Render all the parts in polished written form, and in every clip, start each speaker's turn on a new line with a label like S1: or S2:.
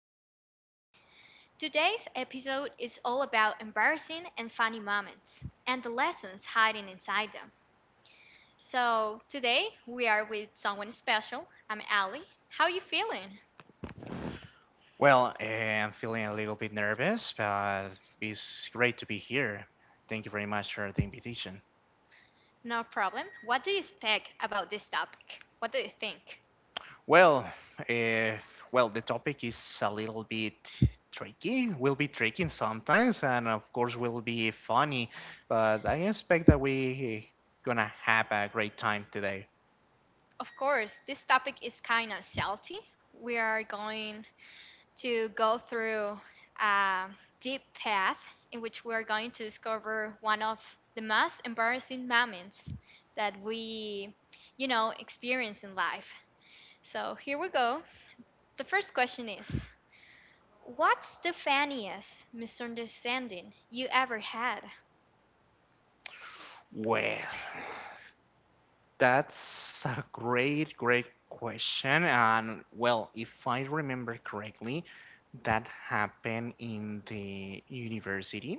S1: guest. Today's episode is all about embarrassing and funny moments and the lessons hiding inside them. So, today we are with someone special. I'm Ali. How you feeling?
S2: Well, I'm feeling a little bit nervous, but it's great to be here. Thank you very much for the invitation.
S1: No problem. What do you expect about this topic? What do you think?
S2: Well, eh, well, the topic is a little bit tricky. Will be tricky sometimes, and of course, will be funny. But I expect that we gonna have a great time today.
S1: Of course, this topic is kind of salty. We are going to go through a deep path in which we're going to discover one of the most embarrassing moments that we, experience in life. So here we go. The first question is, what's the funniest misunderstanding you ever had?
S2: Well. That's a great, great question. And well, if I remember correctly, that happened in the university.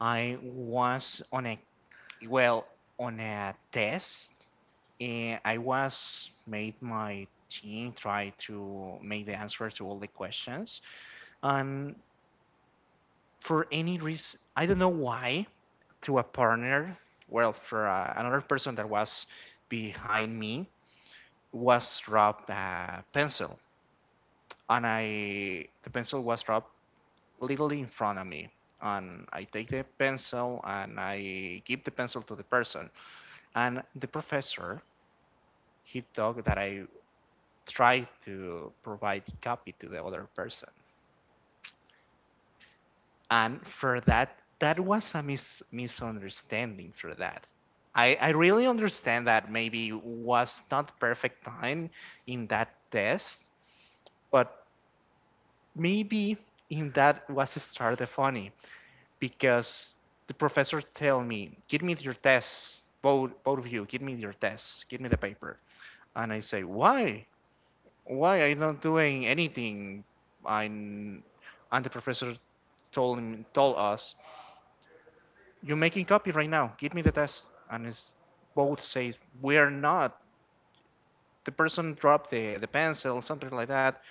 S2: I was well, on a test, and I was made my team try to make the answers to all the questions. And for any reason, I don't know why, through a partner, well, for another person that was behind me, was dropped a pencil, and I the pencil was dropped literally in front of me. And I take the pencil and I give the pencil to the person. And the professor he thought that I tried to provide copy to the other person. And for that, that was a misunderstanding. For that, I really understand that maybe was not perfect time in that test, but maybe in that was started funny because the professor tell me, "Give me your tests, both of you. Give me your tests. Give me the paper." And I say, "Why? Why I not doing anything?" I'm, and the professor told him, told us, "You're making copy right now. Give me the test." And it's both say, "We're not. The person dropped the pencil, something like that."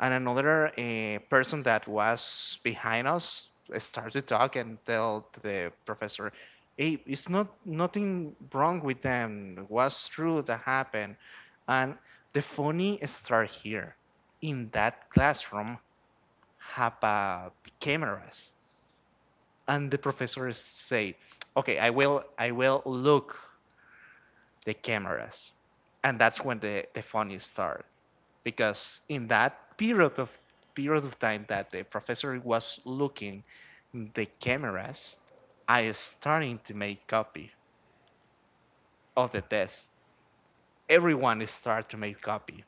S2: And another person that was behind us started to talk and tell the professor, "Hey, it's not nothing wrong with them." It was true that happened. And the funny start here, in that classroom have cameras, and the professor said, "Okay, I will look the cameras." And that's when the funny start, because in that period of time that the professor was looking the cameras, I is starting to make copy of the test. Everyone is start to make copy.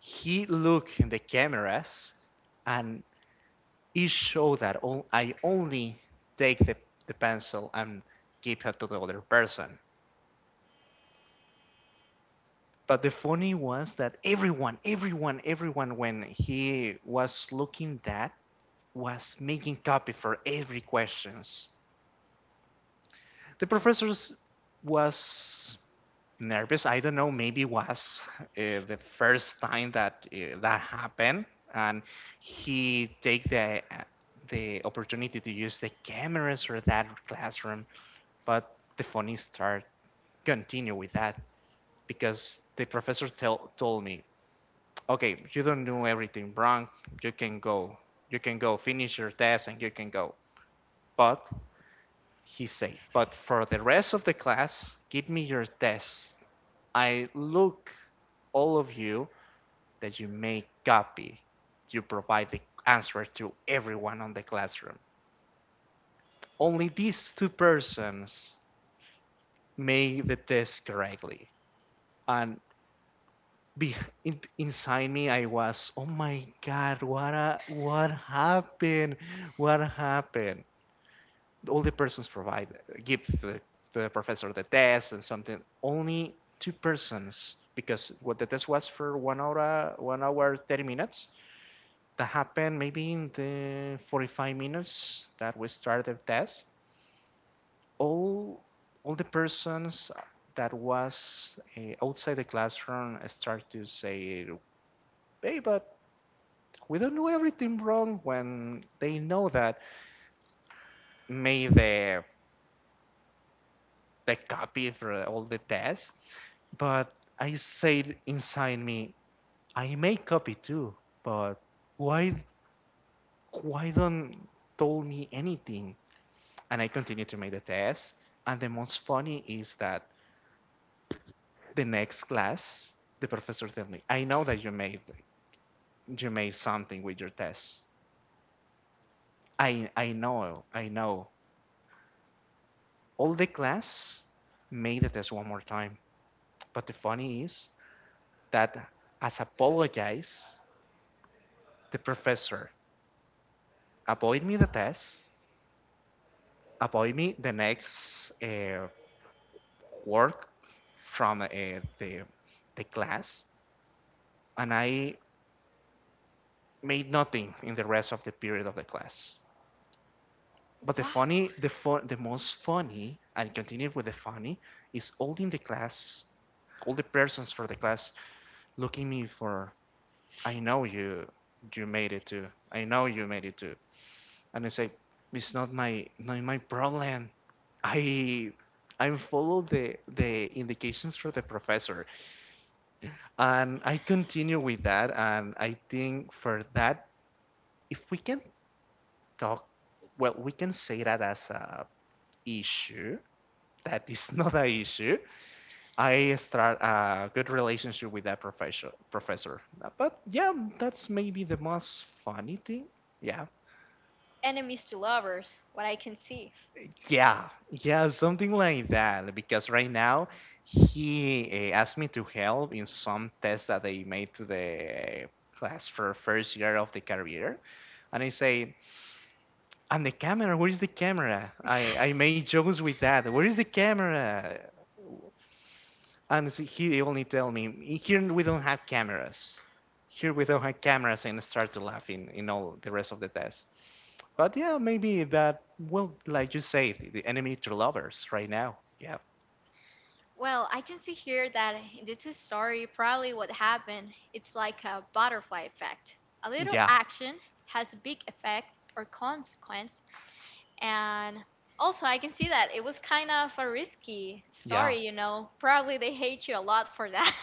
S2: He looked in the cameras and it showed that all, I only take the pencil and give it to the other person. But the funny was that everyone, everyone, everyone, when he was looking that, was making copy for every questions. The professor was nervous. I don't know. Maybe was the first time that that happened, and he take the opportunity to use the cameras for that classroom. But the funny start continue with that because the professor tell told me, "Okay, you don't do everything wrong. You can go. You can go finish your test and you can go." But he's safe. But for the rest of the class, "Give me your tests. I look all of you that you make copy. You provide the answer to everyone on the classroom. Only these two persons made the test correctly." And be, inside me, I was, "Oh my God, what happened? What happened?" All the persons provide give the professor the test and something, only two persons, because what the test was for one hour 30 minutes. That happened maybe in the 45 minutes that we started the test, all all the persons that was outside the classroom start to say, "Hey, but we don't know everything wrong," when they know that maybe the copy for all the tests. But I said inside me, "I may copy too, but why why don't told me anything?" And I continued to make the test. And the most funny is that the next class, the professor told me, "I know that you made something with your test. I know, I know. All the class made the test one more time." But the funny is that as apologize, the professor avoid me the test avoid me the next work from the the class, and I made nothing in the rest of the period of the class. But the
S1: Wow.
S2: funny, the fun, the most funny, and continue with the funny, is all in the class, all the persons for the class looking me for. "I know you made it too. I know you made it too." And I say, "It's not my problem. I I follow the indications from the professor," and I continue with that. And I think for that, if we can talk, well, we can say that as a issue. That is not an issue. I start a good relationship with that professor. But yeah, that's maybe the most funny thing. Yeah.
S1: Enemies to lovers, what I can see.
S2: Yeah, yeah, something like that. Because right now he asked me to help in some tests that they made to the class for first year of the career. And I say, "And the camera, where is the camera?" I made jokes with that. "Where is the camera?" And he only tell me, "Here we don't have cameras. Here we don't have cameras," and start to laugh in all the rest of the test. But yeah, maybe that will, like you say, the enemy to lovers right now. Yeah.
S1: Well, I can see here that this is story probably what happened. It's like a butterfly effect. A little
S2: Yeah.
S1: action has a big effect or consequence, and also I can see that it was kind of a risky
S2: Yeah.
S1: story, Probably they hate you a lot for that,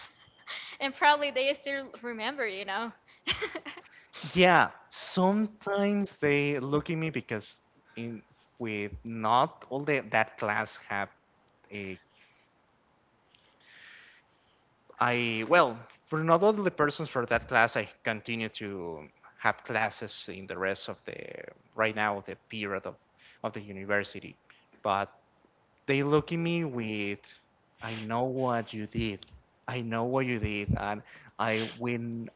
S1: and probably they still remember,
S2: Yeah. Sometimes they look at me because in with not all the, that class have a I well for not all the persons for that class I continue to have classes in the rest of the right now the period of the university. But they look at me with, "I know what you did. I know what you did. And I win.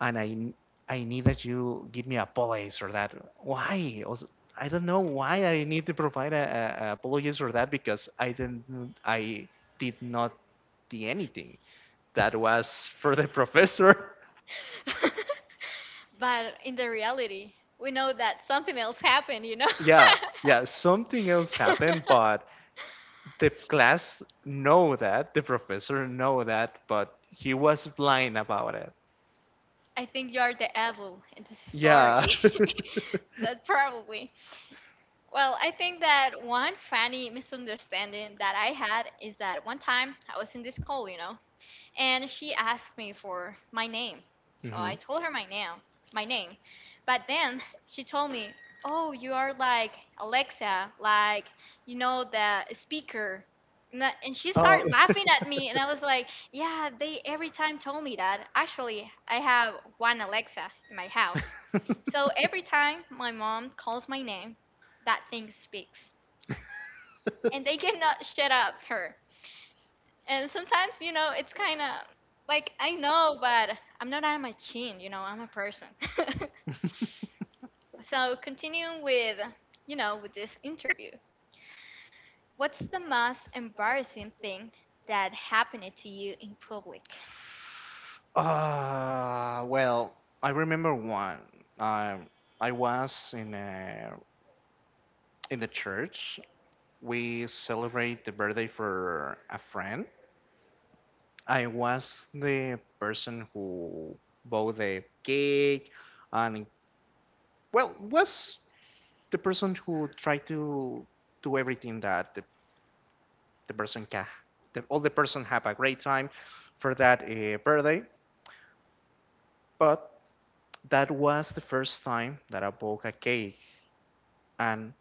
S2: And I need that you give me apologies for that. Why?" Also, I don't know why I need to provide a apologies for that because I did not do anything. That was for the professor.
S1: But in the reality, we
S2: We
S1: know
S2: know
S1: that
S2: that
S1: something
S2: something
S1: else
S2: else
S1: happened,
S2: happened. Yeah, yeah, something else happened, but the class know that, the professor know that, but he was blind about it.
S1: I think you're the evil in the story.
S2: Yeah.
S1: That probably. Well, I think that one funny misunderstanding that I had is that one time I was in this call, and she asked me for my name. So I told her my name. But then she told me, "Oh, you are like Alexa, like you know the speaker." And, that, and she
S2: Oh.
S1: started laughing at me, and I was like, "Yeah, they every time told me that. Actually, I have one Alexa in my house, so every time my mom calls my name, that thing speaks, and they cannot shut up her." And sometimes, it's kind of like I know, but I'm not a machine, I'm a person. So, continuing with, with this interview, what's the most embarrassing thing that happened to you in public?
S2: Well, I remember one. Um, I was in the church. We celebrate the birthday for a friend. I was the person who bought the cake, and well, was the person who tried to do everything that the person can, the, all the person have a great time for that birthday. But that was the first time that I bought a cake, and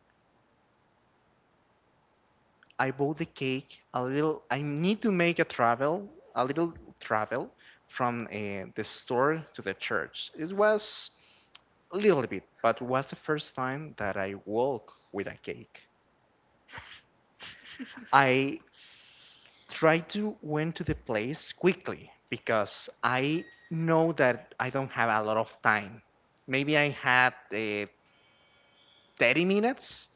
S2: I bought the cake a little. I need to make a little travel from the store to the church. It was a little bit, but was the first time that I walk with a cake. I tried to went to the place quickly because I know that I don't have a lot of time. Maybe I had 30 minutes.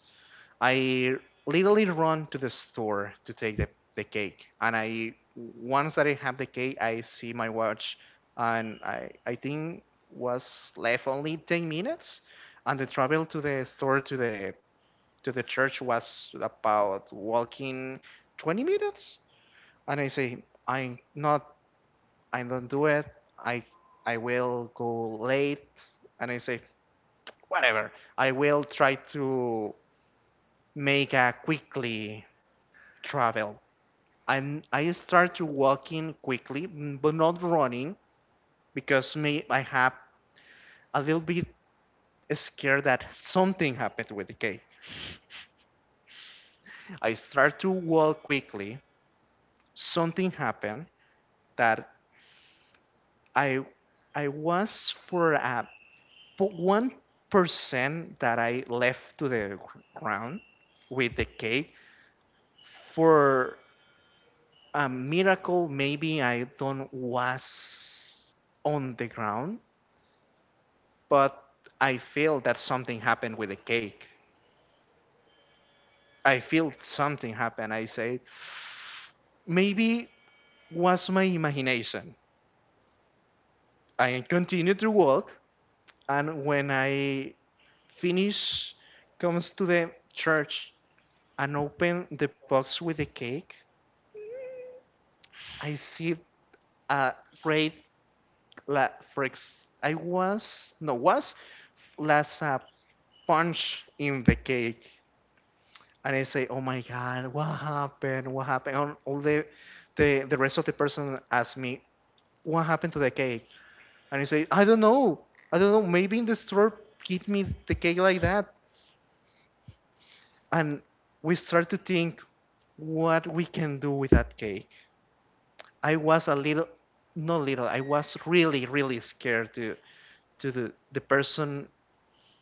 S2: I literally run to the store to take the cake. And I once that I have the cake, I see my watch, and I think was left only 10 minutes, and the travel to the store to the church was about walking 20 minutes. And I say, "I'm not, I don't do it. I I will go late," and I say, "Whatever. I will try to make a quickly travel." I start to walking quickly, but not running, because me I have a little bit scared that something happened with the cake. I start to walk quickly. Something happened that I I was for a 1% that I left to the ground with the cake, for a miracle. Maybe I don't was on the ground, but I feel that something happened with the cake. I feel something happened. I said, maybe was my imagination. I continued to walk, and when I finish, comes to the church and open the box with the cake, I see a great la for ex I was no was last a punch in the cake. And I say, "Oh my God, what happened? What happened?" And all the rest of the person ask me, "What happened to the cake?" And I say, "I don't know. I don't know. Maybe in the store give me the cake like that." And we start to think what we can do with that cake. I was a little, not little. I was really, really scared to to the person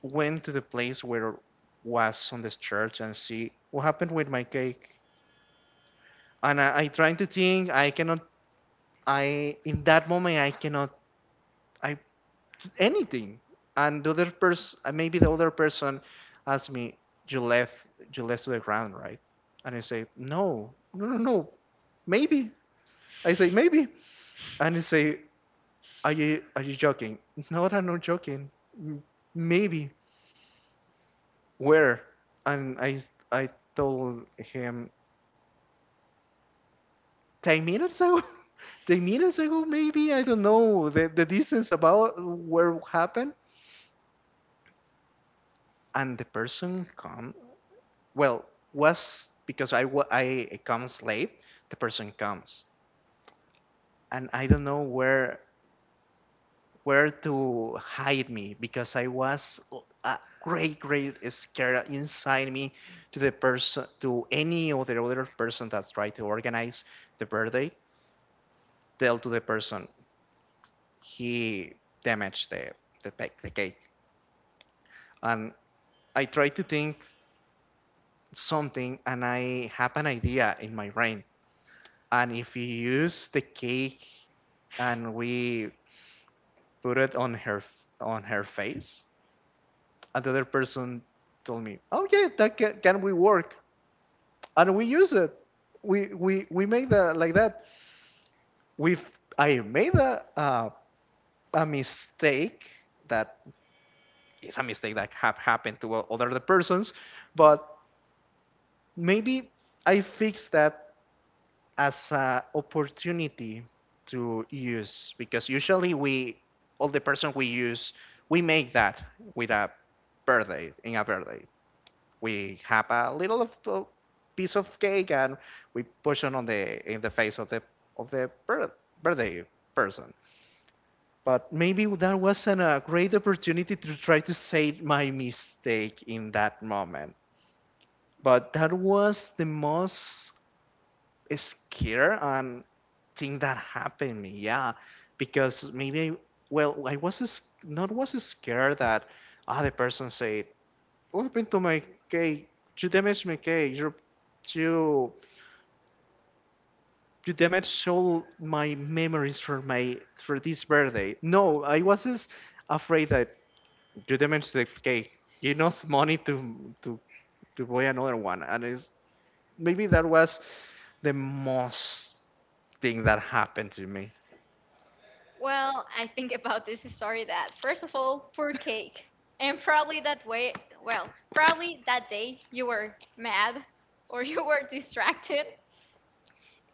S2: went to the place where was on this church and see what happened with my cake. And I trying to think. I cannot I in that moment I cannot I do anything. And the other person, maybe the other person asks me, "You left, you left to the ground, right?" And I say, "No, no, no, no, maybe." I say, "Maybe," and I say, "Are you joking? No, I'm not joking. "M- Maybe where?" And I told him 10 minutes ago. 10 minutes ago, maybe I don't know the distance about where happened. And the person come, well, was because I comes late. The person comes and I don't know where to hide me, because I was a great great scared inside me to the person, to any other person that tried to organize the birthday, tell to the person he damaged the, the cake. And I try to think something, and I have an idea in my brain. And if you use the cake and we put it on her, on her face. Another person told me, "Oh yeah, that can we work?" And we use it. We made that like that. We I made a mistake, that is a mistake that have happened to other the persons, but maybe I fixed that as a opportunity to use. Because usually we, all the person, we use we make that with a birthday. In a birthday, we have a little of a piece of cake, and we push it on the in the face of the birthday person. But maybe that wasn't a great opportunity to try to say my mistake in that moment, but that was the most scared and thing that happened me. Yeah. Because maybe I, well, I was not was scared that the person said, "What happened to my cake? You damaged my cake. You you you damaged all my memories for this birthday." No, I was just afraid that you damaged the cake, you lost money to to buy another one, and it's maybe that was the most thing that happened to me.
S1: Well, I think about this story that, first of all, poor cake. And probably that way, well, probably that day you were mad or you were distracted.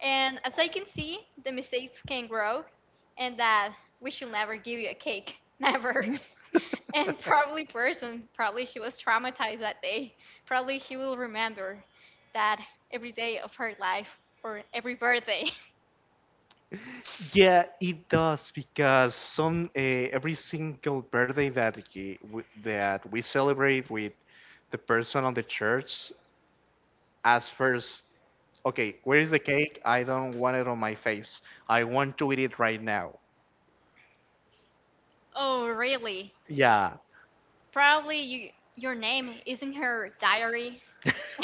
S1: And as I can see, the mistakes can grow, and that we should never give you a cake. Never. And probably person, probably she was traumatized that day. Probably she will remember that every day of her life or every birthday.
S2: Yeah, it does, because some every single birthday that he, w that we celebrate with the person on the church, asks first, "Okay, where is the cake? I don't want it on my face. I want to eat it right now."
S1: Oh, really?
S2: Yeah.
S1: Probably you, your name is in her diary.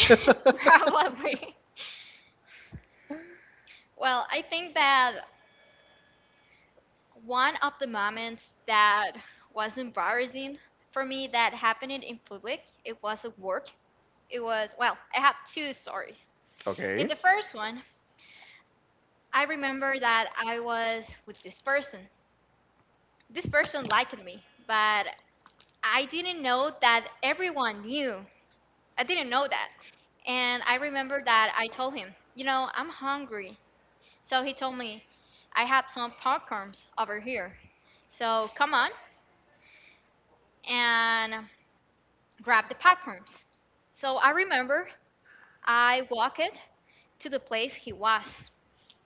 S1: Probably. Well, I think that one of the moments that was embarrassing for me that happened in public, it was at work. It was, well, I have two stories. In
S2: Okay.
S1: the first one, I remember that I was with this person. This person liked me, but I didn't know that everyone knew. I didn't know that. And I remember that I told him, I'm hungry. So he told me, I have some popcorns over here. So come on. And grab the popcorns. So I remember I walked to the place he was.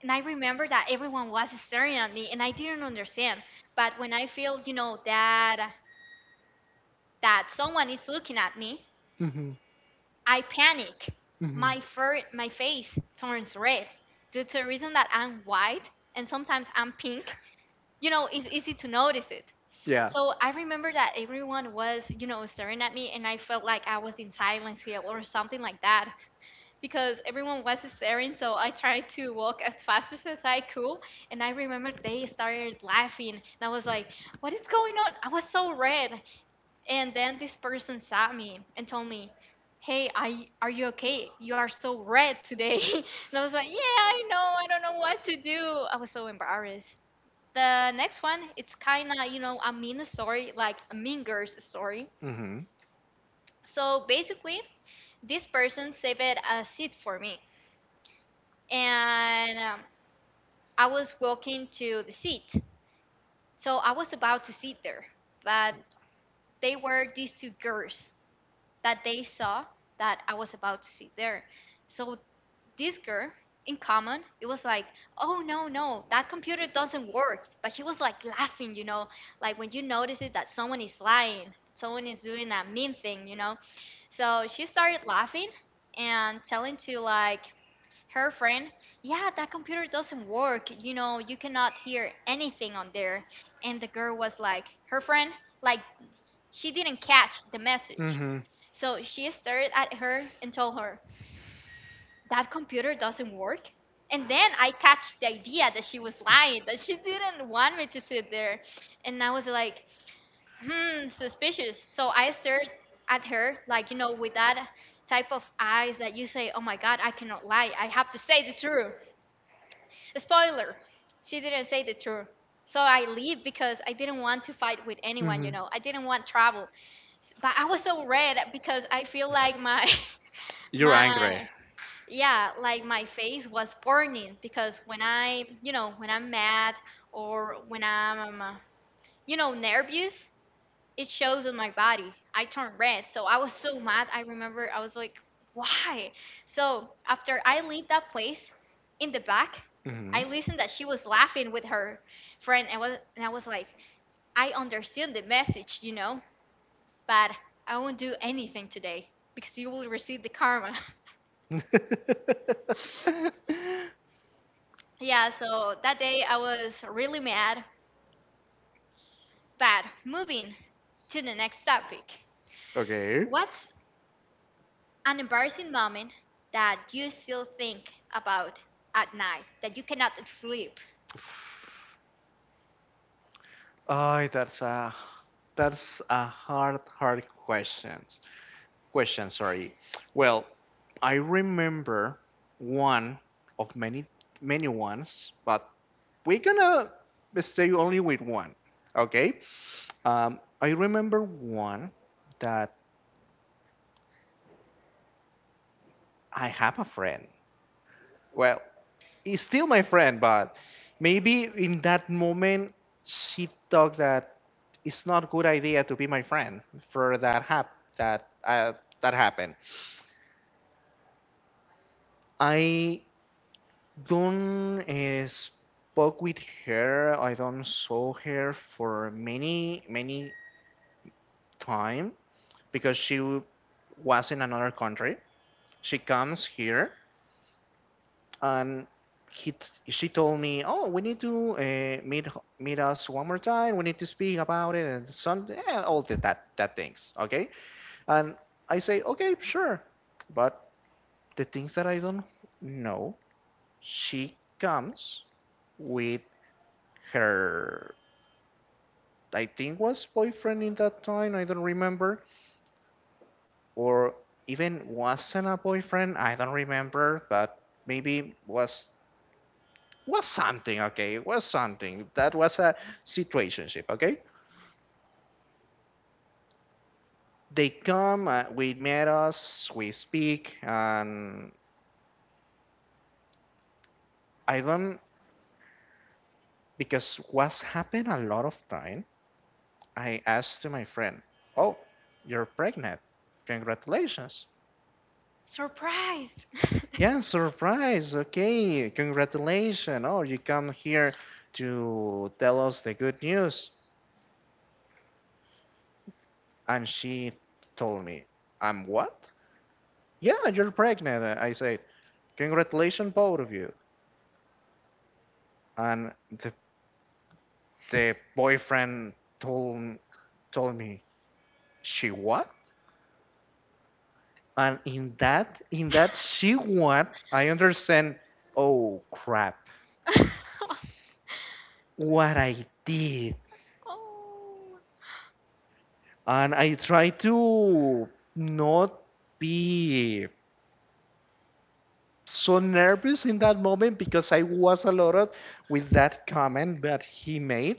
S1: And I remember that everyone was staring at me and I didn't understand. But when I feel, that someone is looking at me,
S2: Hmm.
S1: I panic.
S2: Hmm.
S1: My face turns red due to the reason that I'm white and sometimes I'm pink. You know, it's easy to notice it.
S2: Yeah.
S1: So I remember that everyone was, staring at me and I felt like I was in silence here or something like that, because everyone was staring. So I tried to walk as fast as I could and I remember they started laughing and I was like, what is going on? I was so red. And then this person saw me and told me, hey I, are you okay? You are so red today. And I was like, yeah I know, I don't know what to do. I was so embarrassed. The next one, it's kind of a mean story, like a mean girl's story.
S2: Mm-hmm.
S1: So basically, this person saved a seat for me and I was walking to the seat. So I was about to sit there, but they were these two girls that they saw that I was about to sit there. So this girl, in common, it was like, oh no, no, that computer doesn't work. But she was like laughing, like when you notice it that someone is lying, someone is doing a mean thing, So she started laughing and telling to like her friend, yeah, that computer doesn't work. You know, you cannot hear anything on there. And the girl was like, her friend, like, she didn't catch the message.
S2: Mm-hmm.
S1: So she stared at her and told her, that computer doesn't work. And then I catch the idea that she was lying, that she didn't want me to sit there. And I was like, hmm, suspicious. So I stared at her, like, with that type of eyes that you say, oh my God, I cannot lie. I have to say the truth. Spoiler, she didn't say the truth. So I leave because I didn't want to fight with anyone,
S2: Mm-hmm.
S1: I didn't want trouble. But I was so red because I feel like my
S2: You're angry.
S1: my yeah, like my face was burning. Because when I, when I'm mad or when I'm, nervous, it shows on my body. I turned red. So I was so mad. I remember I was like, why? So after I leave that place in the back,
S2: Mm-hmm.
S1: I listened that she was laughing with her friend and was and I was like, I understand the message, but I won't do anything today because you will receive the karma. Yeah, so that day I was really mad. But moving to the next topic.
S2: Okay.
S1: What's an embarrassing moment that you still think about at night, that you cannot sleep?
S2: Oh, that's a hard, hard question, sorry. Well, I remember one of many ones, but we're gonna stay only with one. Okay? I remember one that I have a friend. Well, he's still my friend, but maybe in that moment she thought that it's not a good idea to be my friend for that uh, that happened. I don't spoke with her. I don't saw her for many time, because she was in another country. She comes here, and she told me, "Oh, we need to meet us one more time. We need to speak about it, and some yeah, all the, that that things." Okay, and I say, "Okay, sure," but the things that I don't know, she comes with her, I think was boyfriend in that time. I don't remember, or even wasn't a boyfriend. I don't remember, but maybe was something. Okay, was something. That was a situationship. Okay, they come. We met us. We speak, and I don't, because what's happened a lot of time. I asked to my friend, "Oh, you're pregnant. Congratulations.
S1: Surprised.
S2: Yeah, surprise. Okay, congratulations. Oh, you come here to tell us the good news." And she told me, "I'm what?" "Yeah, you're pregnant. I said, "Congratulations, both of you." And the, the boyfriend told, told me, "She what?" And in that "she what", I understand, oh crap, what I did. And I try to not be so nervous in that moment, because I was alerted with that comment that he made,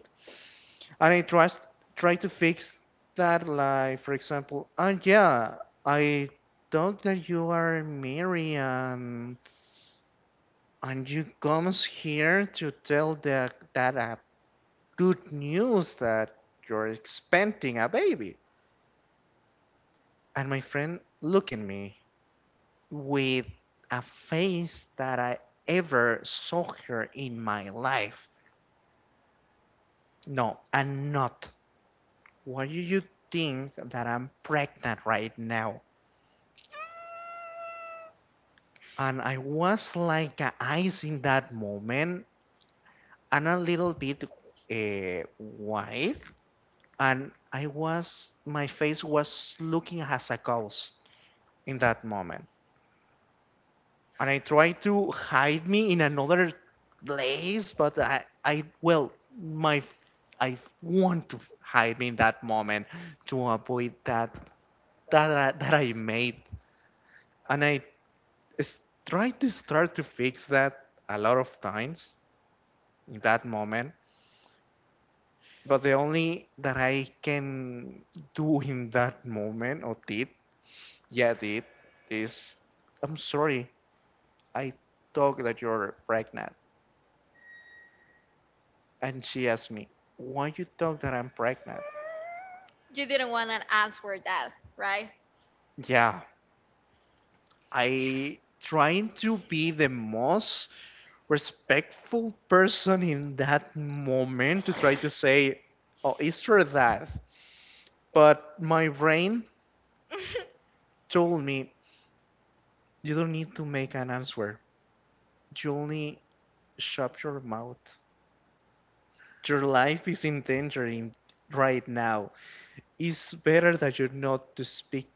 S2: and I trust try to fix that. Like for example, "Yeah, I thought that you are Mary, and you comes here to tell that good news, that you're expecting a baby." And my friend look at me with a face that I ever saw her in my life. "No, I'm not. Why do you think that I'm pregnant right now?" And I was like a ice in that moment, and a little bit white. And my face was looking as a ghost in that moment. And I tried to hide me in another place, but I, I, well, my, I want to hide me in that moment, to avoid that I made, and I s- tried to start to fix that a lot of times in that moment. But the only that I can do in that moment, or did, yeah, did, is, "I'm sorry, I talk that you're pregnant." And she asked me, "Why you talk that I'm pregnant?"
S1: You didn't want an answer that, right?
S2: Yeah, I trying to be the most respectful person in that moment, to try to say, "Oh, it's for that." But my brain told me, "You don't need to make an answer. You only shut your mouth. Your life is in danger in right now. It's better that you not to speak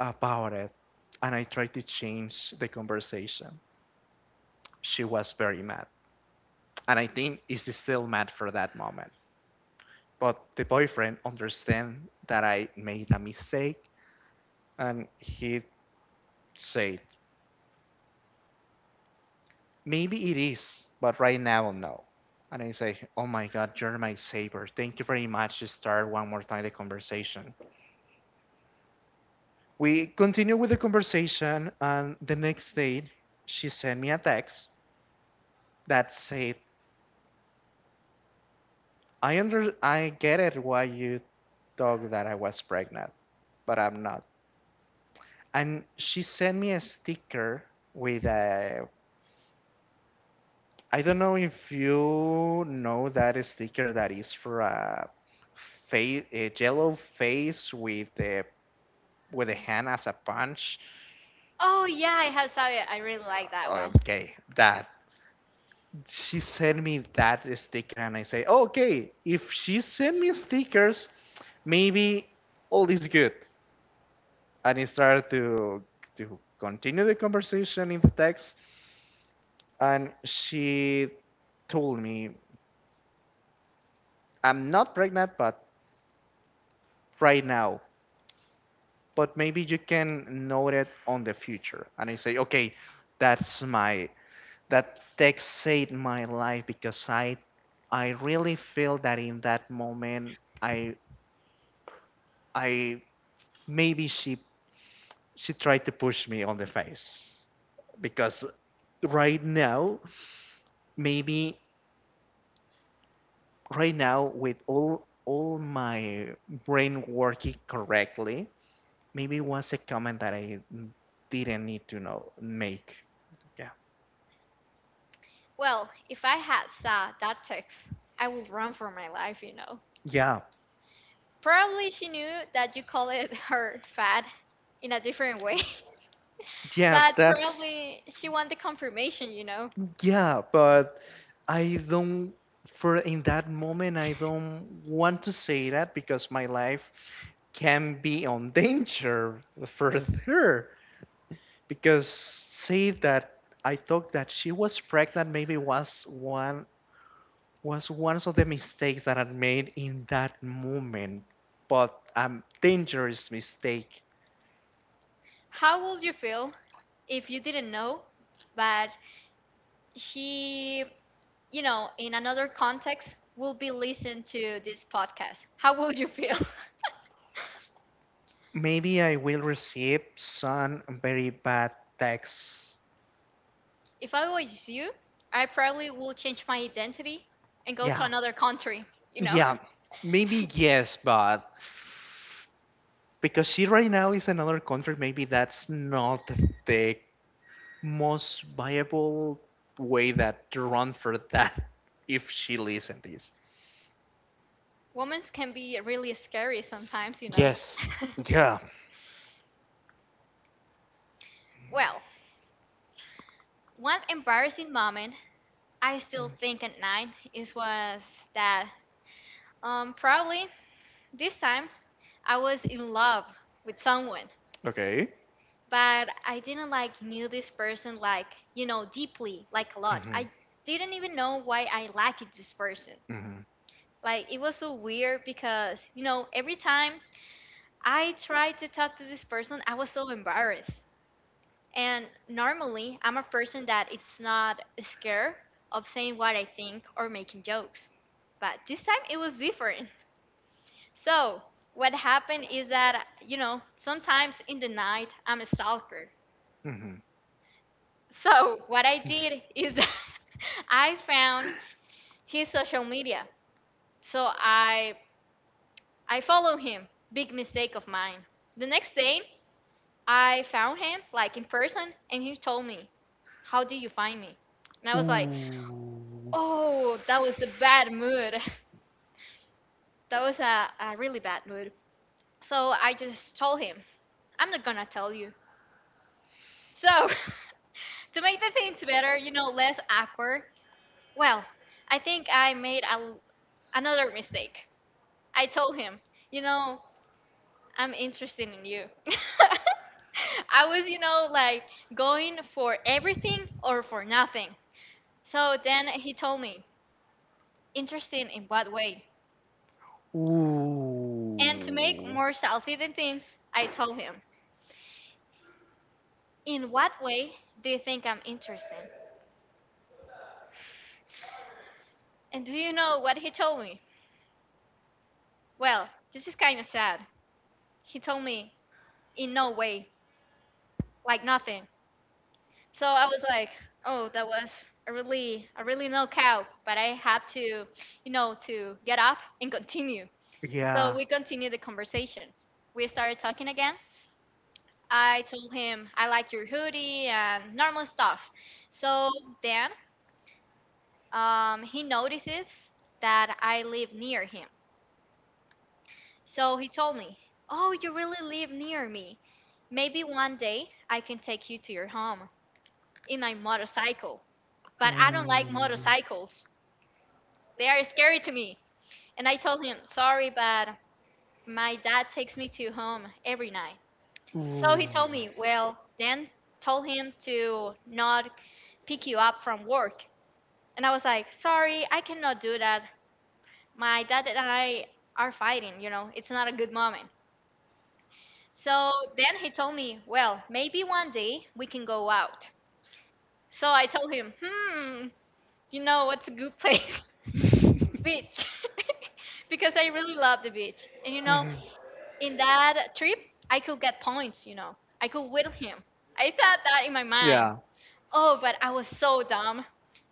S2: about it." And I tried to change the conversation. She was very mad. And I think she's still mad for that moment. But the boyfriend understands that I made a mistake, and he said, "Maybe it is, but right now, no." And I say, "Oh my God, you're my savior. Thank you very much to start one more time the conversation." We continue with the conversation, and the next day, she sent me a text that said, I get it why you thought that I was pregnant, but I'm not." And she sent me a sticker with a, I don't know if you know that sticker, that is for a face, a yellow face with a hand as a punch.
S1: Oh yeah, I have saw it. I really like that one.
S2: Okay, that she sent me that sticker, and I say, okay, if she sent me stickers, maybe all is good. And I started to continue the conversation in the text, and she told me, "I'm not pregnant, but right now, but maybe you can note it on the future." And I say, okay, that's my that text saved my life, because I really feel that in that moment, I maybe, she tried to push me on the face, because right now, maybe right now with all my brain working correctly, maybe was a comment that I didn't need to know make. Yeah.
S1: Well, if I had saw that text, I would run for my life,
S2: Yeah.
S1: Probably she knew that you call it her fat in a different way,
S2: Yeah,
S1: but
S2: that's,
S1: probably she wanted the confirmation,
S2: yeah, but I don't, for in that moment, I don't want to say that, because my life can be on danger further, because say that I thought that she was pregnant, maybe was one of the mistakes that I made in that moment, but a dangerous mistake.
S1: How would you feel if you didn't know, but she, in another context will be listening to this podcast? How would you feel?
S2: Maybe I will receive some very bad texts.
S1: If I was you, I probably will change my identity and go to
S2: Yeah.
S1: another country, you know.
S2: Yeah, maybe yes, but because she right now is another country, maybe that's not the most viable way that to run for that, if she listens this.
S1: Women can be really scary sometimes,
S2: Yes. Yeah.
S1: Well, one embarrassing moment I still think at night, it was that probably this time I was in love with someone,
S2: Okay.
S1: but I didn't like knew this person like you know deeply like a lot.
S2: Mm-hmm.
S1: I didn't even know why I liked this person.
S2: Mm-hmm.
S1: Like it was so weird because you know every time I tried to talk to this person, I was so embarrassed. And normally, I'm a person that it's not scared of saying what I think or making jokes. But this time it was different. So, what happened is that, sometimes in the night, I'm a stalker. So, what I
S2: Mm-hmm.
S1: did is that I found his social media. So, I follow him. Big mistake of mine. The next day, I found him like in person and he told me, "How do you find me?" And I was like,
S2: Ooh.
S1: oh, that was a bad mood. That was a really bad mood. So I just told him, I'm not gonna tell you. So, to make the things better, less awkward, well, I think I made a l another mistake. I told him, you know, I'm interested in you. I was, like going for everything or for nothing. So then he told me, interesting in what way?
S2: Ooh.
S1: And to make more self-eating things, I told him, in what way do you think I'm interesting? And do you know what he told me? Well, this is kind of sad. He told me, in no way, like nothing. So I was like, oh, that was a really no cow. But I had to, to get up and continue. So
S2: Yeah.
S1: we continued the conversation. We started talking again. I told him, I like your hoodie and normal stuff. So then he notices that I live near him. So he told me, oh, you really live near me. Maybe one day I can take you to your home in my motorcycle. But I don't like
S2: Ooh.
S1: motorcycles, they are scary to me. And I told him, sorry, but my dad takes me to home every night. So
S2: Ooh.
S1: he told me, well, then told him to not pick you up from work. And I was like, sorry, I cannot do that. My dad and I are fighting, you know, it's not a good moment. So then he told me, well, maybe one day we can go out. So I told him, hmm, you know what's a good place? Beach. Because I really love the beach. And you know,
S2: Mm-hmm.
S1: in that trip, I could get points, you know, I could whittle him. I thought that in my mind.
S2: Yeah.
S1: Oh, but I was so dumb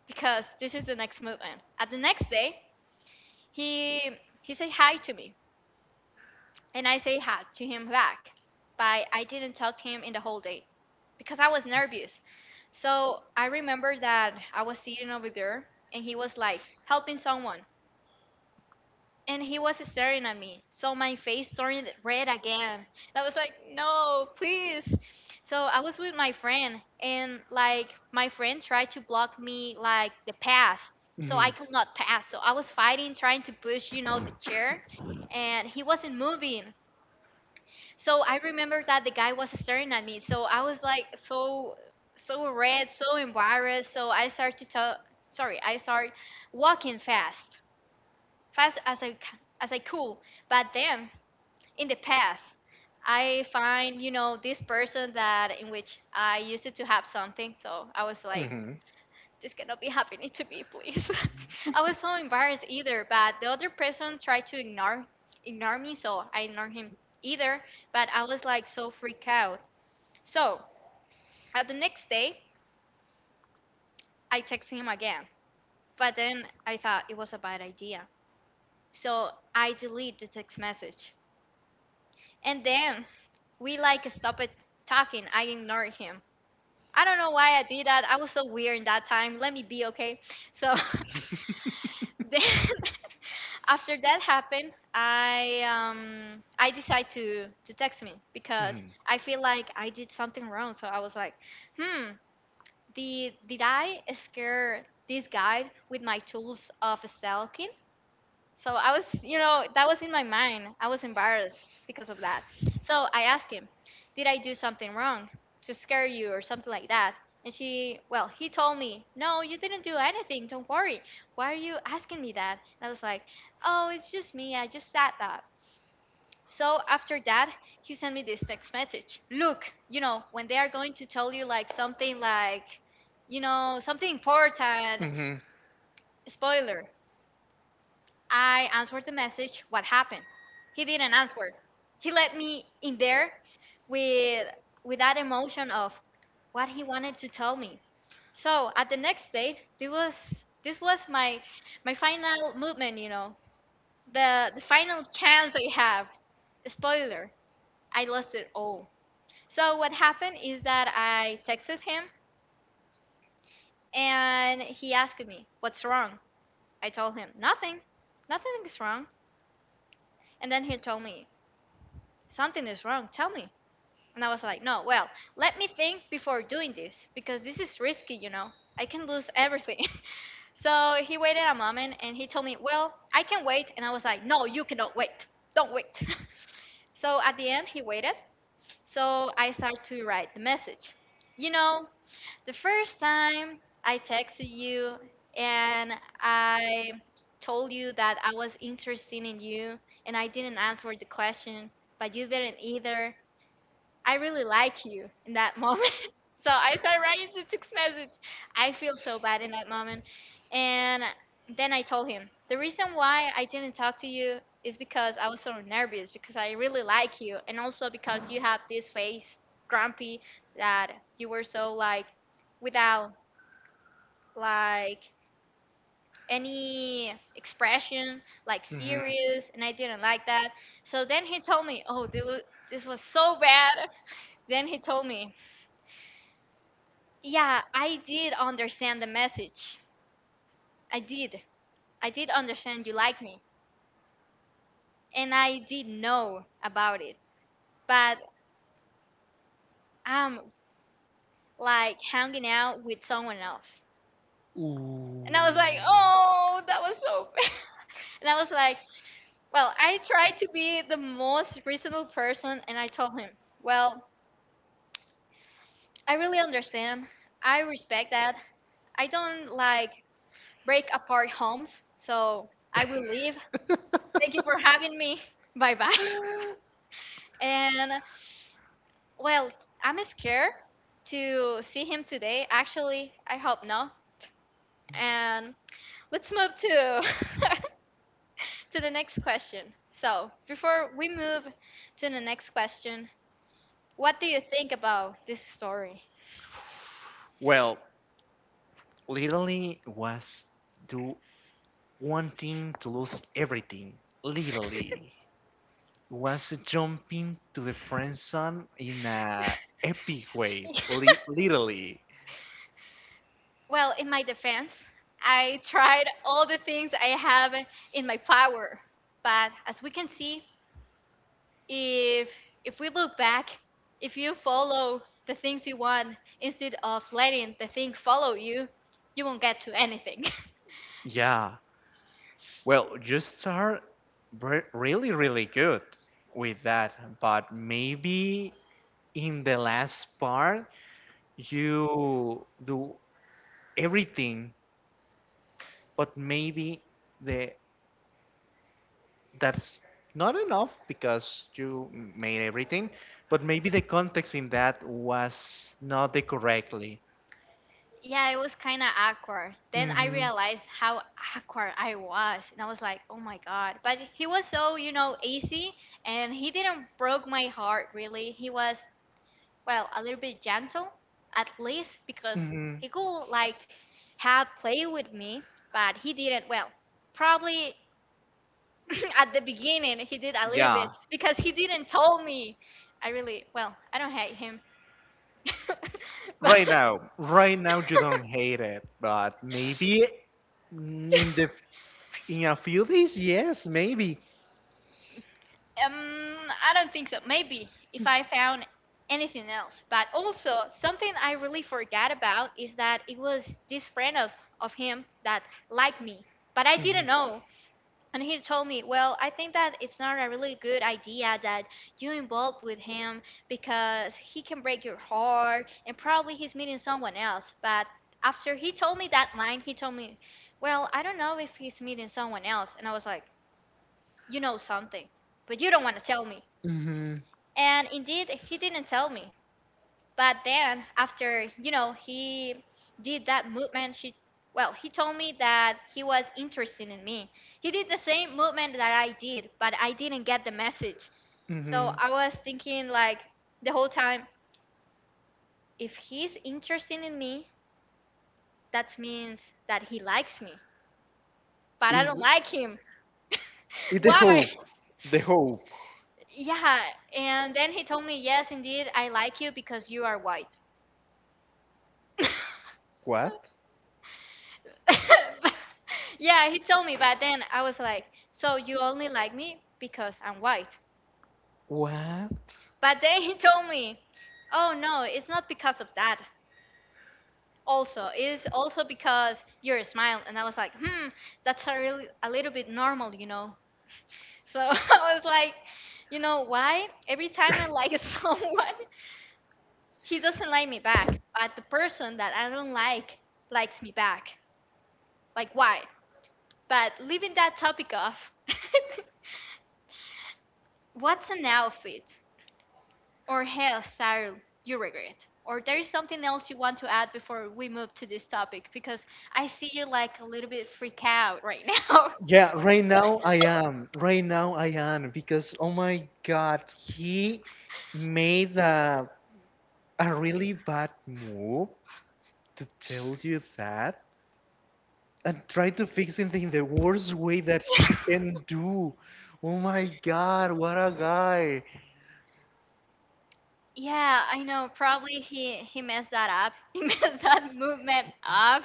S1: because this is the next movement. At the next day, he he said hi to me and I say hi to him back. But I didn't talk to him in the whole day because I was nervous. So I remember that I was sitting over there and he was like helping someone and he was staring at me. So my face turned red again. I was like, no, please. So I was with my friend and like my friend tried to block me like the path. So
S2: Mm-hmm.
S1: I could not pass. So I was fighting, trying to push, you know, the chair and he wasn't moving. So I remember that the guy was staring at me. So I was like so red, so embarrassed. So I start to talk. Sorry, I start walking fast, as I could. But then in the path, I find you know this person that in which I used to have something. So I was like
S2: Mm-hmm.
S1: this cannot be happening to me, please. I was so embarrassed either, but the other person tried to ignore me, so I ignored him either, but I was like so freaked out. So at the next day I texted him again. But then I thought it was a bad idea. So I delete the text message. And then we like stopped talking. I ignored him. I don't know why I did that. I was so weird in that time. Let me be okay. So then after that happened, I decide to text me because
S2: Mm-hmm.
S1: I feel like I did something wrong so I was like hmm did I scare this guy with my tools of stalking so I was, you know, that was in my mind. I was embarrassed because of that. So I asked him, did I do something wrong to scare you or something like that? And she, well, he told me, no, you didn't do anything. Don't worry. Why are you asking me that? And I was like, oh, it's just me. I just said that. So after that, he sent me this text message. Look, you know, when they are going to tell you like something like, you know, something important,
S2: Mm-hmm.
S1: spoiler. I answered the message. What happened? He didn't answer. He let me in there with that emotion of what he wanted to tell me. So at the next date, this was my final movement. You know, the final chance I have. Spoiler: I lost it all. So what happened is that I texted him and he asked me, "What's wrong?" I told him, "Nothing. Nothing is wrong." And then he told me, something is wrong. Tell me. And I was like, no, well, let me think before doing this because this is risky, you know. I can lose everything. So he waited a moment and he told me, well, I can wait. And I was like, no, you cannot wait. Don't wait. So at the end, he waited. So I started to write the message. You know, the first time I texted you and I told you that I was interested in you and I didn't answer the question, but you didn't either. I really like you in that moment. So I started writing the text message. I feel so bad in that moment. And then I told him, the reason why I didn't talk to you is because I was so nervous because I really like you. And also because you have this face, grumpy, that you were so like, without like any expression, like
S2: Mm-hmm.
S1: serious. And I didn't like that. So then he told me, oh, this was so bad. Then he told me, yeah, I did understand the message. I did. I did understand you like me. And I did know about it. But I'm like hanging out with someone else.
S2: Ooh.
S1: And I was like, oh, that was so bad. And I was like, well, I tried to be the most reasonable person. And I told him, well, I really understand. I respect that. I don't like break apart homes. So I will leave. Thank you for having me. Bye bye. And well, I'm scared to see him today. Actually, I hope not. And let's move to to the next question. So, before we move to the next question, what do you think about this story?
S2: Well, literally was do wanting to lose everything. Literally was jumping to the friend zone in a epic way. Literally,
S1: Well, in my defense, I tried all the things I have in my power, but as we can see, if we look back, if you follow the things you want instead of letting the thing follow you, you won't get to anything. S-
S2: yeah. Well, you start really, really good with that, but maybe in the last part you do everything, but maybe the that's not enough, because you made everything, but maybe the context in that was not the correctly.
S1: yeah, it was kind of awkward. Then I
S2: Hmm.
S1: realized how awkward I was and I was like oh my god, but he was so you know easy and he didn't broke my heart really. He was well a little bit gentle at least because
S2: Hmm.
S1: he could like have play with me but he didn't. Well, probably at the beginning he did a little bit
S2: Yeah.
S1: because he didn't tell me. I really, well, I don't hate him. But
S2: Right now, right now you don't hate it, but maybe in the in a few days, yes, maybe.
S1: um I don't think so. Maybe if I found anything else, but also something I really forgot about is that it was this friend of him that liked me but I
S2: Mm-hmm.
S1: didn't know. And he told me, well, I think that it's not a really good idea that you involve with him because he can break your heart and probably he's meeting someone else. But after he told me that line, he told me, well, I don't know if he's meeting someone else. And I was like, you know something, but you don't want to tell me. And indeed, he didn't tell me. But then after, you know, he did that movement, she well, he told me that he was interested in me. He did the same movement that I did, but I didn't get the message. So
S2: Mm-hmm.
S1: I was thinking like the whole time, if he's interested in me, that means that he likes me. But I
S2: Is
S1: don't like him.
S2: is the
S1: Why?
S2: hope? The hope.
S1: Yeah. And then he told me, yes, indeed, I like you because you are white.
S2: What?
S1: Yeah, he told me, but then I was like, so you only like me because I'm white.
S2: What?
S1: But then he told me, oh no, it's not because of that. Also, it's also because your smile. And I was like, hmm, that's a little bit normal, you know. So I was like, you know why? Every time I like someone, he doesn't like me back. But the person that I don't like likes me back. Like why? But leaving that topic off. What's an outfit or hairstyle you regret? Or there is something else you want to add before we move to this topic? Because I see you like a little bit freak out right now.
S2: Yeah, right now I am. Right now I am, because oh my God, he made a really bad move to tell you that, and try to fix it in the worst way that he can do. Oh my God, what a guy.
S1: Yeah, I know. Probably he messed that up. He messed that movement up.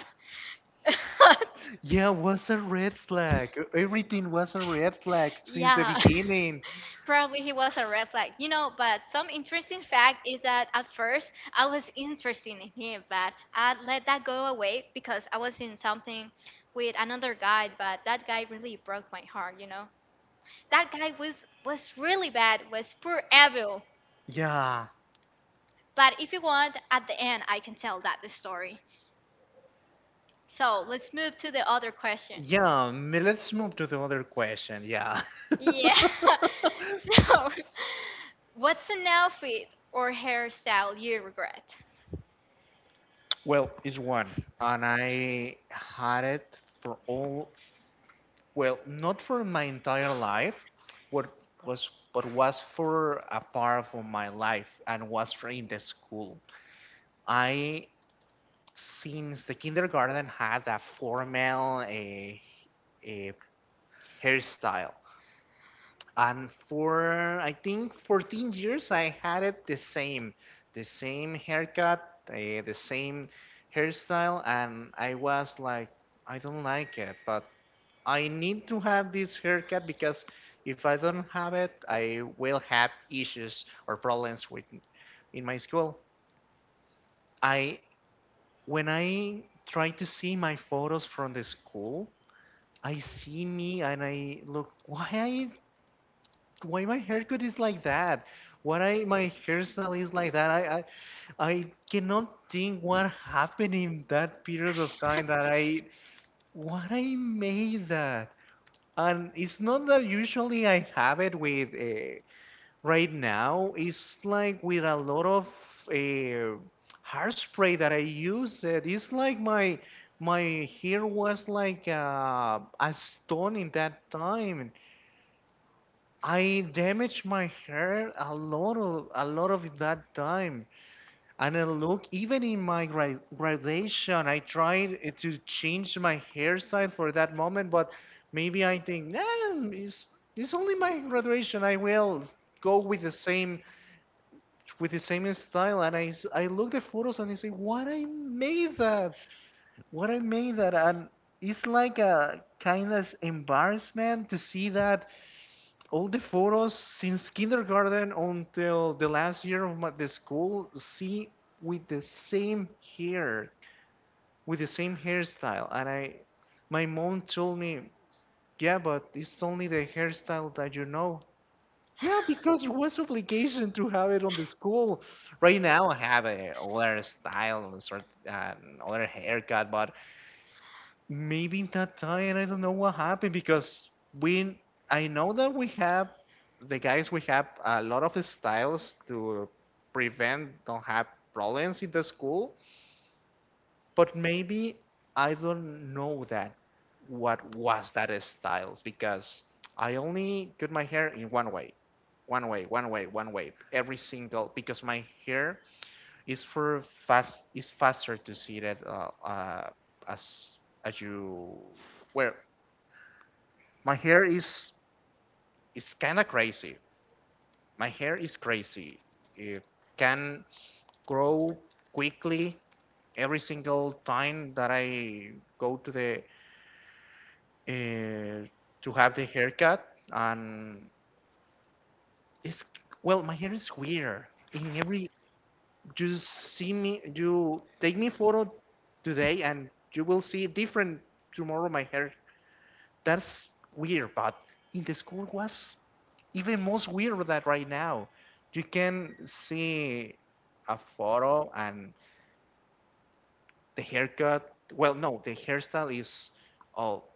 S2: Yeah, was a red flag. Everything was a red flag since the
S1: Yeah.
S2: beginning.
S1: Probably he was a red flag, you know. But some interesting fact is that at first I was interested in him, but I let that go away because I was in something with another guy. But that guy really broke my heart, you know. That guy was really bad, was poor evil.
S2: Yeah.
S1: But if you want, at the end I can tell that the story. So let's move to the other question.
S2: Yeah, let's move to the other question. Yeah.
S1: Yeah. So, what's an outfit or hairstyle you regret?
S2: Well, it's one. And I had it for all, well, not for my entire life, but but was for a part of my life, and was for in the school. I, since the kindergarten, had a formal a hairstyle and for I think 14 years I had it the same haircut, the same hairstyle. And I was like, I don't like it, but I need to have this haircut, because if I don't have it, I will have issues or problems with in my school. I when I try to see my photos from the school, I see me and I look, why my haircut is like that? My hairstyle is like that? I cannot think what happened in that period of time, what I made that. And it's not that usually I have it with, right now it's like with a lot of uh, hairspray that I use. It's like my hair was like a stone in that time. I damaged my hair a lot of that time. And I look even in my graduation, I tried to change my hairstyle for that moment, but maybe I think, nah, it's only my graduation. I will go with the same style, and I look the photos and I say, what I made that. And it's like a kind of embarrassment to see that all the photos since kindergarten until the last year of the school, see with the same hair with the same hairstyle. And I my mom told me, yeah, but it's only the hairstyle that. Yeah, because it was obligation to have it on the school. Right now, I have a other style and sort uh, other haircut, but maybe in that time I don't know what happened because we I know that we have a lot of styles to prevent don't have problems in the school, but maybe I don't know that what was that styles because I only cut my hair in one way. One way, one way, one way. Every single because my hair is for fast is faster to see that as as you where my hair is kind of crazy. My hair is crazy. It can grow quickly every single time that I go uh, to have the haircut. And it's well, my hair is weird in every you see me, you take me photo today, and you will see different tomorrow my hair, that's weird. But in the school was even most weird than right now. You can see a photo and the haircut, well, no, the hairstyle is all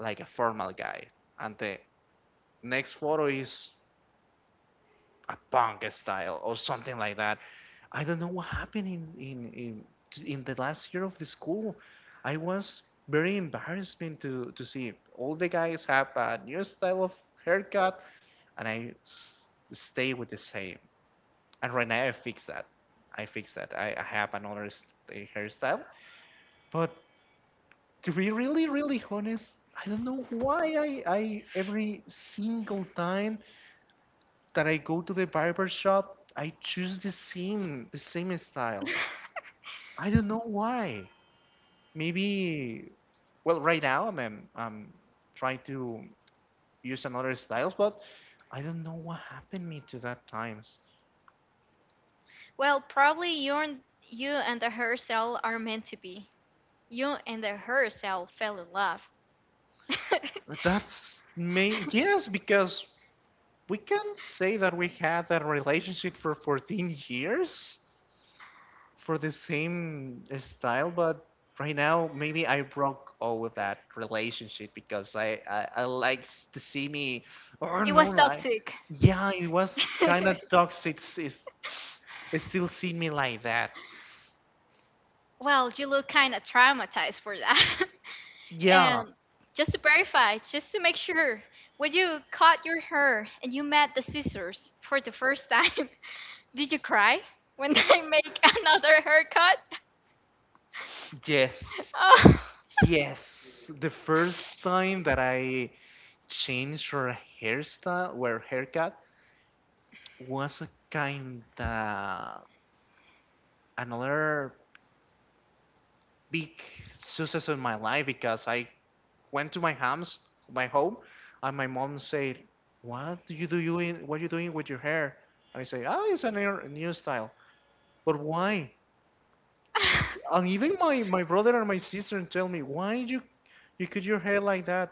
S2: like a formal guy, and the next photo is a punk style or something like that. I don't know what happened in the last year of the school. I was very embarrassing to see all the guys have a new style of haircut, and I stay with the same. And right now I fix that. I fix that. I have another hairstyle, but to be really, really honest, I don't know why I every single time that I go to the barber shop, I choose the same style. I don't know why. Maybe, well, right now I'm trying to use another styles, but I don't know what happened me to that times.
S1: Well, probably you and the herself are meant to be. You and the her cell fell in love.
S2: But that's may yes, because we can say that we had that relationship for 14 years, for the same style, but right now maybe I broke all with that relationship because I likes to see me. Oh
S1: It was
S2: no, I
S1: toxic.
S2: yeah, it was kind of toxic. It still see me like that.
S1: Well, you look kind of traumatized for that.
S2: Yeah,
S1: And just to verify, just to make sure, when you cut your hair and you met the scissors for the first time, did you cry when they make another haircut?
S2: yes,
S1: Oh.
S2: yes. The first time that I changed her hairstyle, well, haircut was a kind of another big success in my life because I went to my house, my home, and my mom said, "What do? You in, what are you doing with your hair?" And I say, "Ah, it's a new style." But why? And even my brother and my sister tell me, "Why you cut your hair like that?"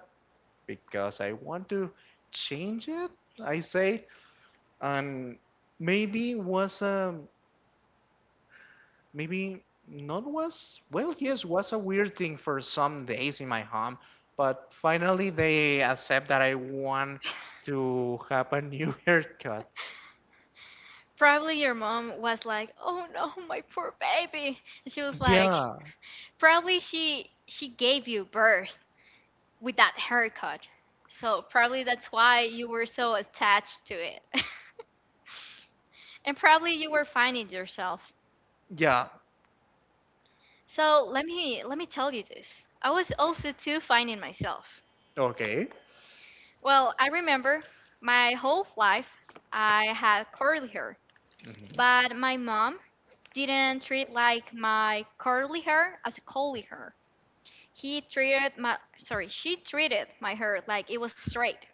S2: Because I want to change it. I say, and maybe was maybe not was, well, yes, was a weird thing for some days in my home, but finally they accept that I want to have a new haircut.
S1: Probably your mom was like, "Oh no, my poor baby." And she was like,
S2: Yeah,
S1: "Probably she gave you birth with that haircut." So probably that's why you were so attached to it. And probably you were finding yourself.
S2: yeah.
S1: So let me tell you this. I was also too finding myself.
S2: Okay.
S1: Well, I remember my whole life I had curly hair,
S2: Mhm,
S1: but my mom didn't treat like my curly hair as a curly hair. He treated my sorry, she treated my hair like it was straight.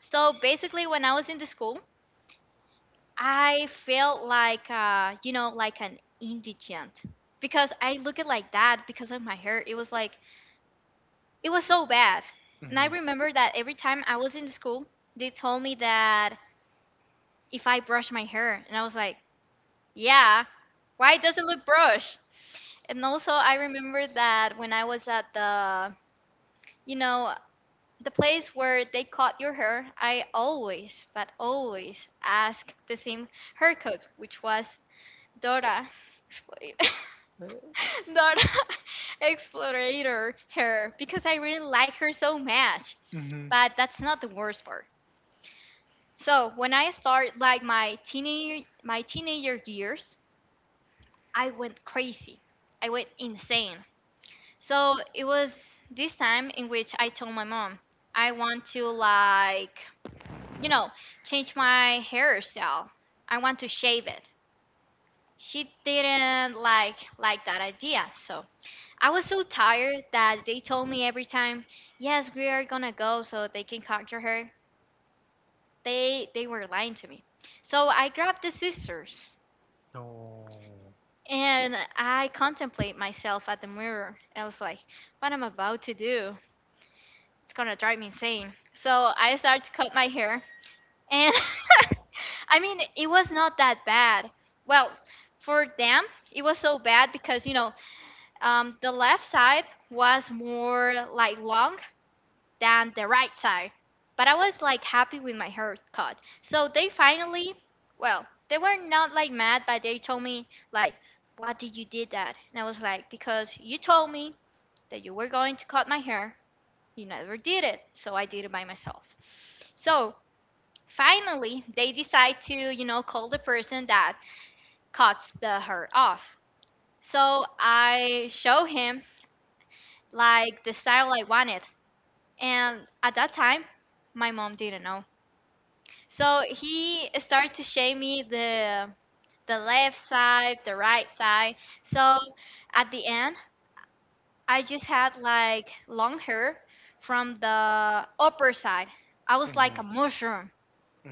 S1: So basically when I was in the school, I felt like you know, like an indigent because I looked at like that because of my hair. It was like it was so bad. And I
S2: mhm,
S1: remember that every time I was in the school, they told me that if I brush my hair and I was like, "Yeah, why does it look brushed?" And also I remember that when I was at the you know the place where they cut your hair, I always, but always, asked the same haircut, which was Dora, expl- Dora Explorator hair, because I really like her so much.
S2: mhm.
S1: But that's not the worst part. So when I start like my teenager years, I went crazy. I went insane. So it was this time in which I told my mom I want to like you know, change my hairstyle. I want to shave it. She didn't like that idea, so I was so tired that they told me every time, "Yes, we are gonna go so they can cut your hair." They were lying to me. So I grabbed the scissors
S2: No.
S1: and I contemplate myself at the mirror. I was like, "What am I about to do? It's gonna drive me insane." So I started to cut my hair. And I mean, it was not that bad. Well, for them, it was so bad because, the left side was more like long than the right side. But I was like happy with my haircut. So they finally, well, they were not like mad, but they told me, like, why did you did that? And I was like, because you told me that you were going to cut my hair. You never did it. So I did it by myself. So finally, they decide to, you know, call the person that cuts the hair off. So I show him like the style I wanted. And at that time, my mom didn't know. So he started to show me the left side, the right side. So at the end, I just had like long hair from the upper side. I was
S2: Mhm,
S1: like a mushroom.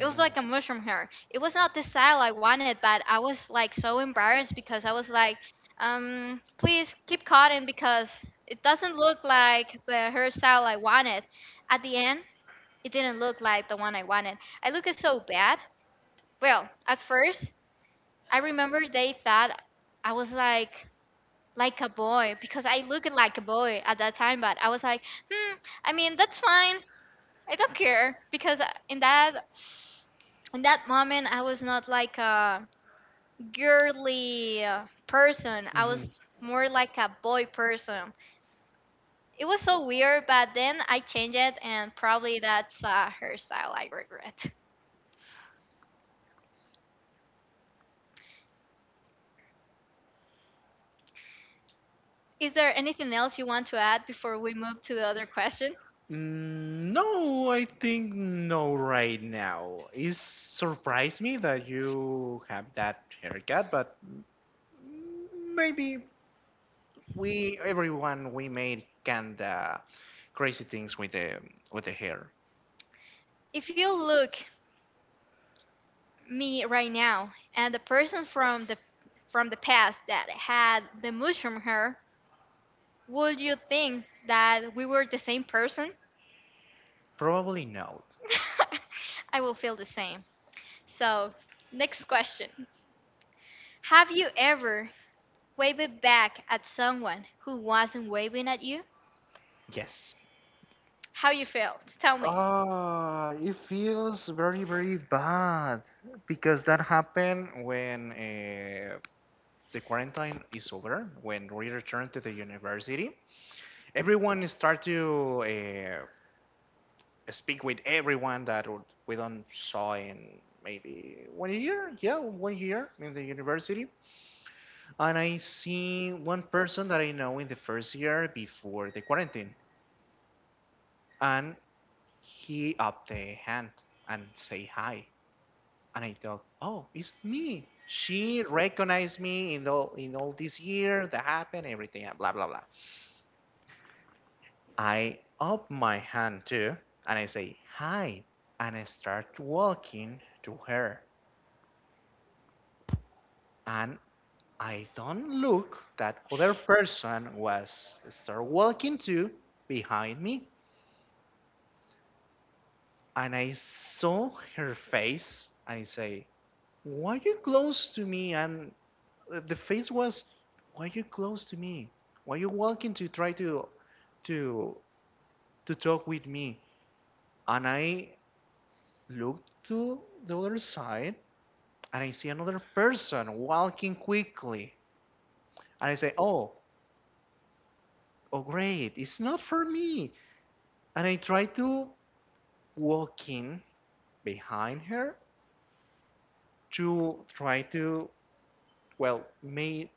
S1: It was like a mushroom hair. It was not the style I wanted, but I was like so embarrassed because I was like, please keep cotton because it doesn't look like the hairstyle I wanted. At the end, it didn't look like the one I wanted. I looked so bad. Well, at first, I remember they thought I was like a boy because I looked like a boy at that time, but I was like, hmm, I mean that's fine. I don't care because in that moment I was not like a girly person. I
S2: mhm.
S1: was more like a boy person. It was so weird, but then I changed it, and probably that's a hairstyle I regret. Is there anything else you want to add before we move to the other question?
S2: Mm. No, I think no right now. It surprised me that you have that haircut, but mm, maybe we everyone we made kinda crazy things with the hair.
S1: If you look me right now and the person from the past that had the mushroom hair, would you think that we were the same person?
S2: Probably no.
S1: I will feel the same. So, next question. Have you ever waved back at someone who wasn't waving at you?
S2: Yes.
S1: How you felt? Tell me.
S2: Ah, it feels very, very bad because that happened when the quarantine is over, when we returned to the university. Everyone start to speak with everyone that we don't saw in maybe one year, yeah, one year in the university. And I see one person that I know in the first year before the quarantine, and he up the hand and say hi, and I thought, oh, it's me, she recognized me in all this year that happened everything and blah blah blah. I up my hand too, and I say hi, and I start walking to her. And I don't look that other person was start walking to behind me, and I saw her face, and I say, "Why you close to me?" And the face was, "Why you close to me? Why you walking to try to to talk with me?" And I looked to the other side and I see another person walking quickly. And I say, oh, oh great, it's not for me. And I try to walk in behind her to try to, well, make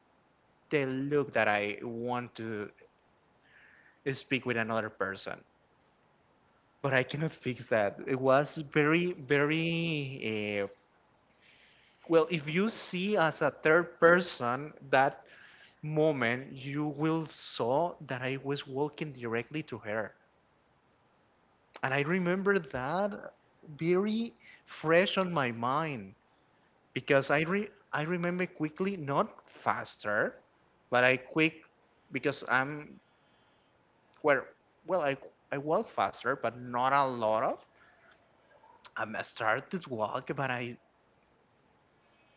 S2: the look that I want to speak with another person. But I cannot fix that. It was very, very, well, if you see as a third person that moment, you will saw that I was walking directly to her. And I remember that very fresh on my mind because I re I remember quickly, not faster, but I quick because I'm where well, I walk faster, but not a lot of. I'm started to walk, but I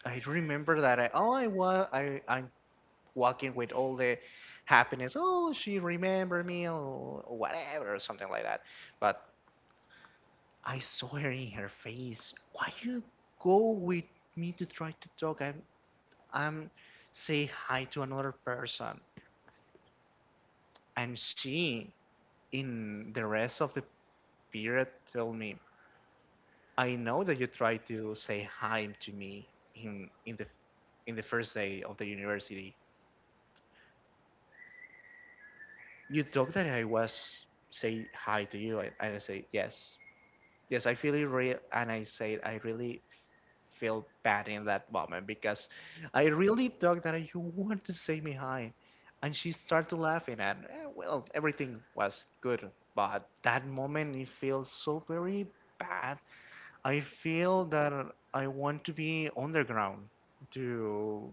S2: I remember that I, oh, I was, I'm walking with all the happiness. Oh, she remember me or whatever or something like that. But I saw her in her face. Why you go with me to try to talk? I'm say hi to another person. And she, in the rest of the period, told me, I know that you tried to say hi to me in in the in the first day of the university. You thought that I was say hi to you, and I say yes. Yes, I feel it real, and I said I really feel bad in that moment because I really thought that you want to stay behind, and she started laughing, and well, everything was good, but that moment it feels so very bad. I feel that I want to be underground, to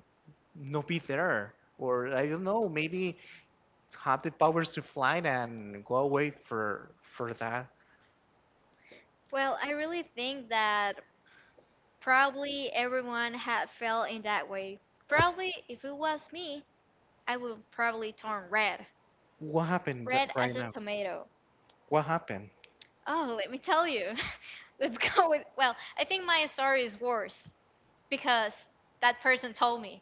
S2: not be there, or I don't know, maybe have the powers to fly and go away for that.
S1: Well, I really think that probably everyone had felt in that way. Probably if it was me, I would probably turn red.
S2: What happened
S1: Red
S2: that right
S1: as a
S2: now?
S1: tomato.
S2: What happened?
S1: Oh, let me tell you. Let's go with, well, I think my story is worse because that person told me.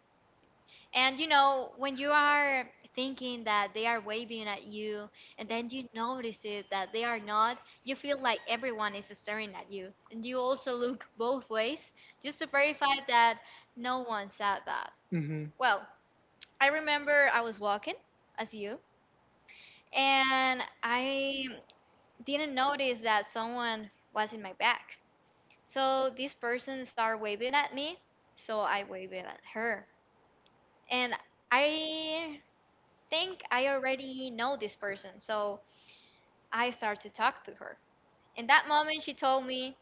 S1: And you know, when you are thinking that they are waving at you and then you notice it that they are not, you feel like everyone is staring at you. And you also look both ways just to verify that no one said that.
S2: Mm-hmm.
S1: Well, I remember I was walking as you and I didn't notice that someone was in my back. So this person started waving at me, so I waved at her. And I think I already know this person. So I start to talk to her. In that moment, she told me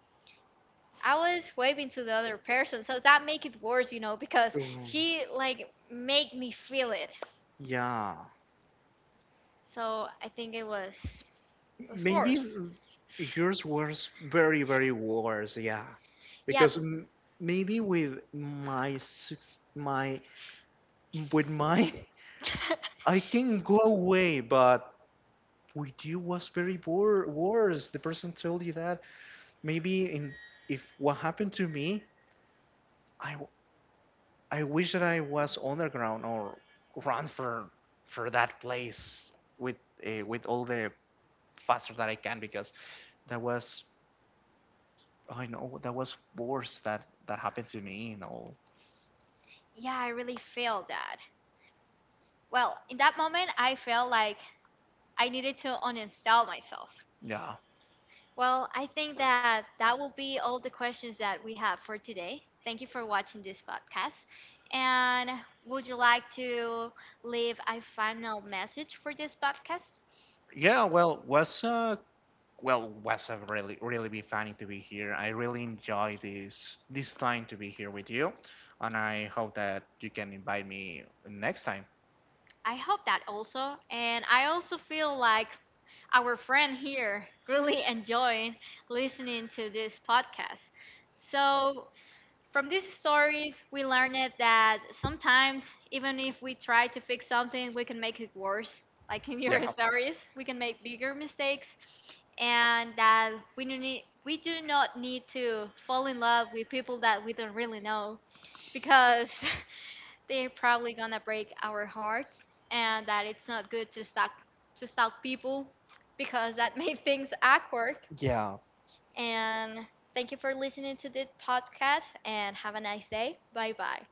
S1: I was waving to the other person. So that make it worse, you know, because
S2: Ooh.
S1: she like make me feel it.
S2: Yeah.
S1: So I think it was
S2: Maybe
S1: worse.
S2: yours was very, very worse, yeah.
S1: Yeah,
S2: Because m maybe with my six, my, with my I can go away, but with you was very worse. The person told you that. Maybe in if what happened to me, I I wish that I was underground or run for that place with with all the faster that I can, because that was, I know that was worse that that happened to me. You know,
S1: yeah, I really feel that. Well, in that moment, I felt like I needed to uninstall myself.
S2: yeah,
S1: Well, I think that that will be all the questions that we have for today. Thank you for watching this podcast. And would you like to leave a final message for this podcast?
S2: yeah. Well, was a really, really be funny to be here. I really enjoy this time to be here with you, and I hope that you can invite me next time.
S1: I hope that also. And I also feel like our friend here really enjoying listening to this podcast. So from these stories, we learned that sometimes, even if we try to fix something, we can make it worse. Like in your
S2: Yeah,
S1: stories, we can make bigger mistakes, and that we do not need to fall in love with people that we don't really know, because they're probably gonna break our hearts, and that it's not good to stalk people, because that makes things awkward.
S2: yeah.
S1: And thank you for listening to this podcast and have a nice day. Bye bye.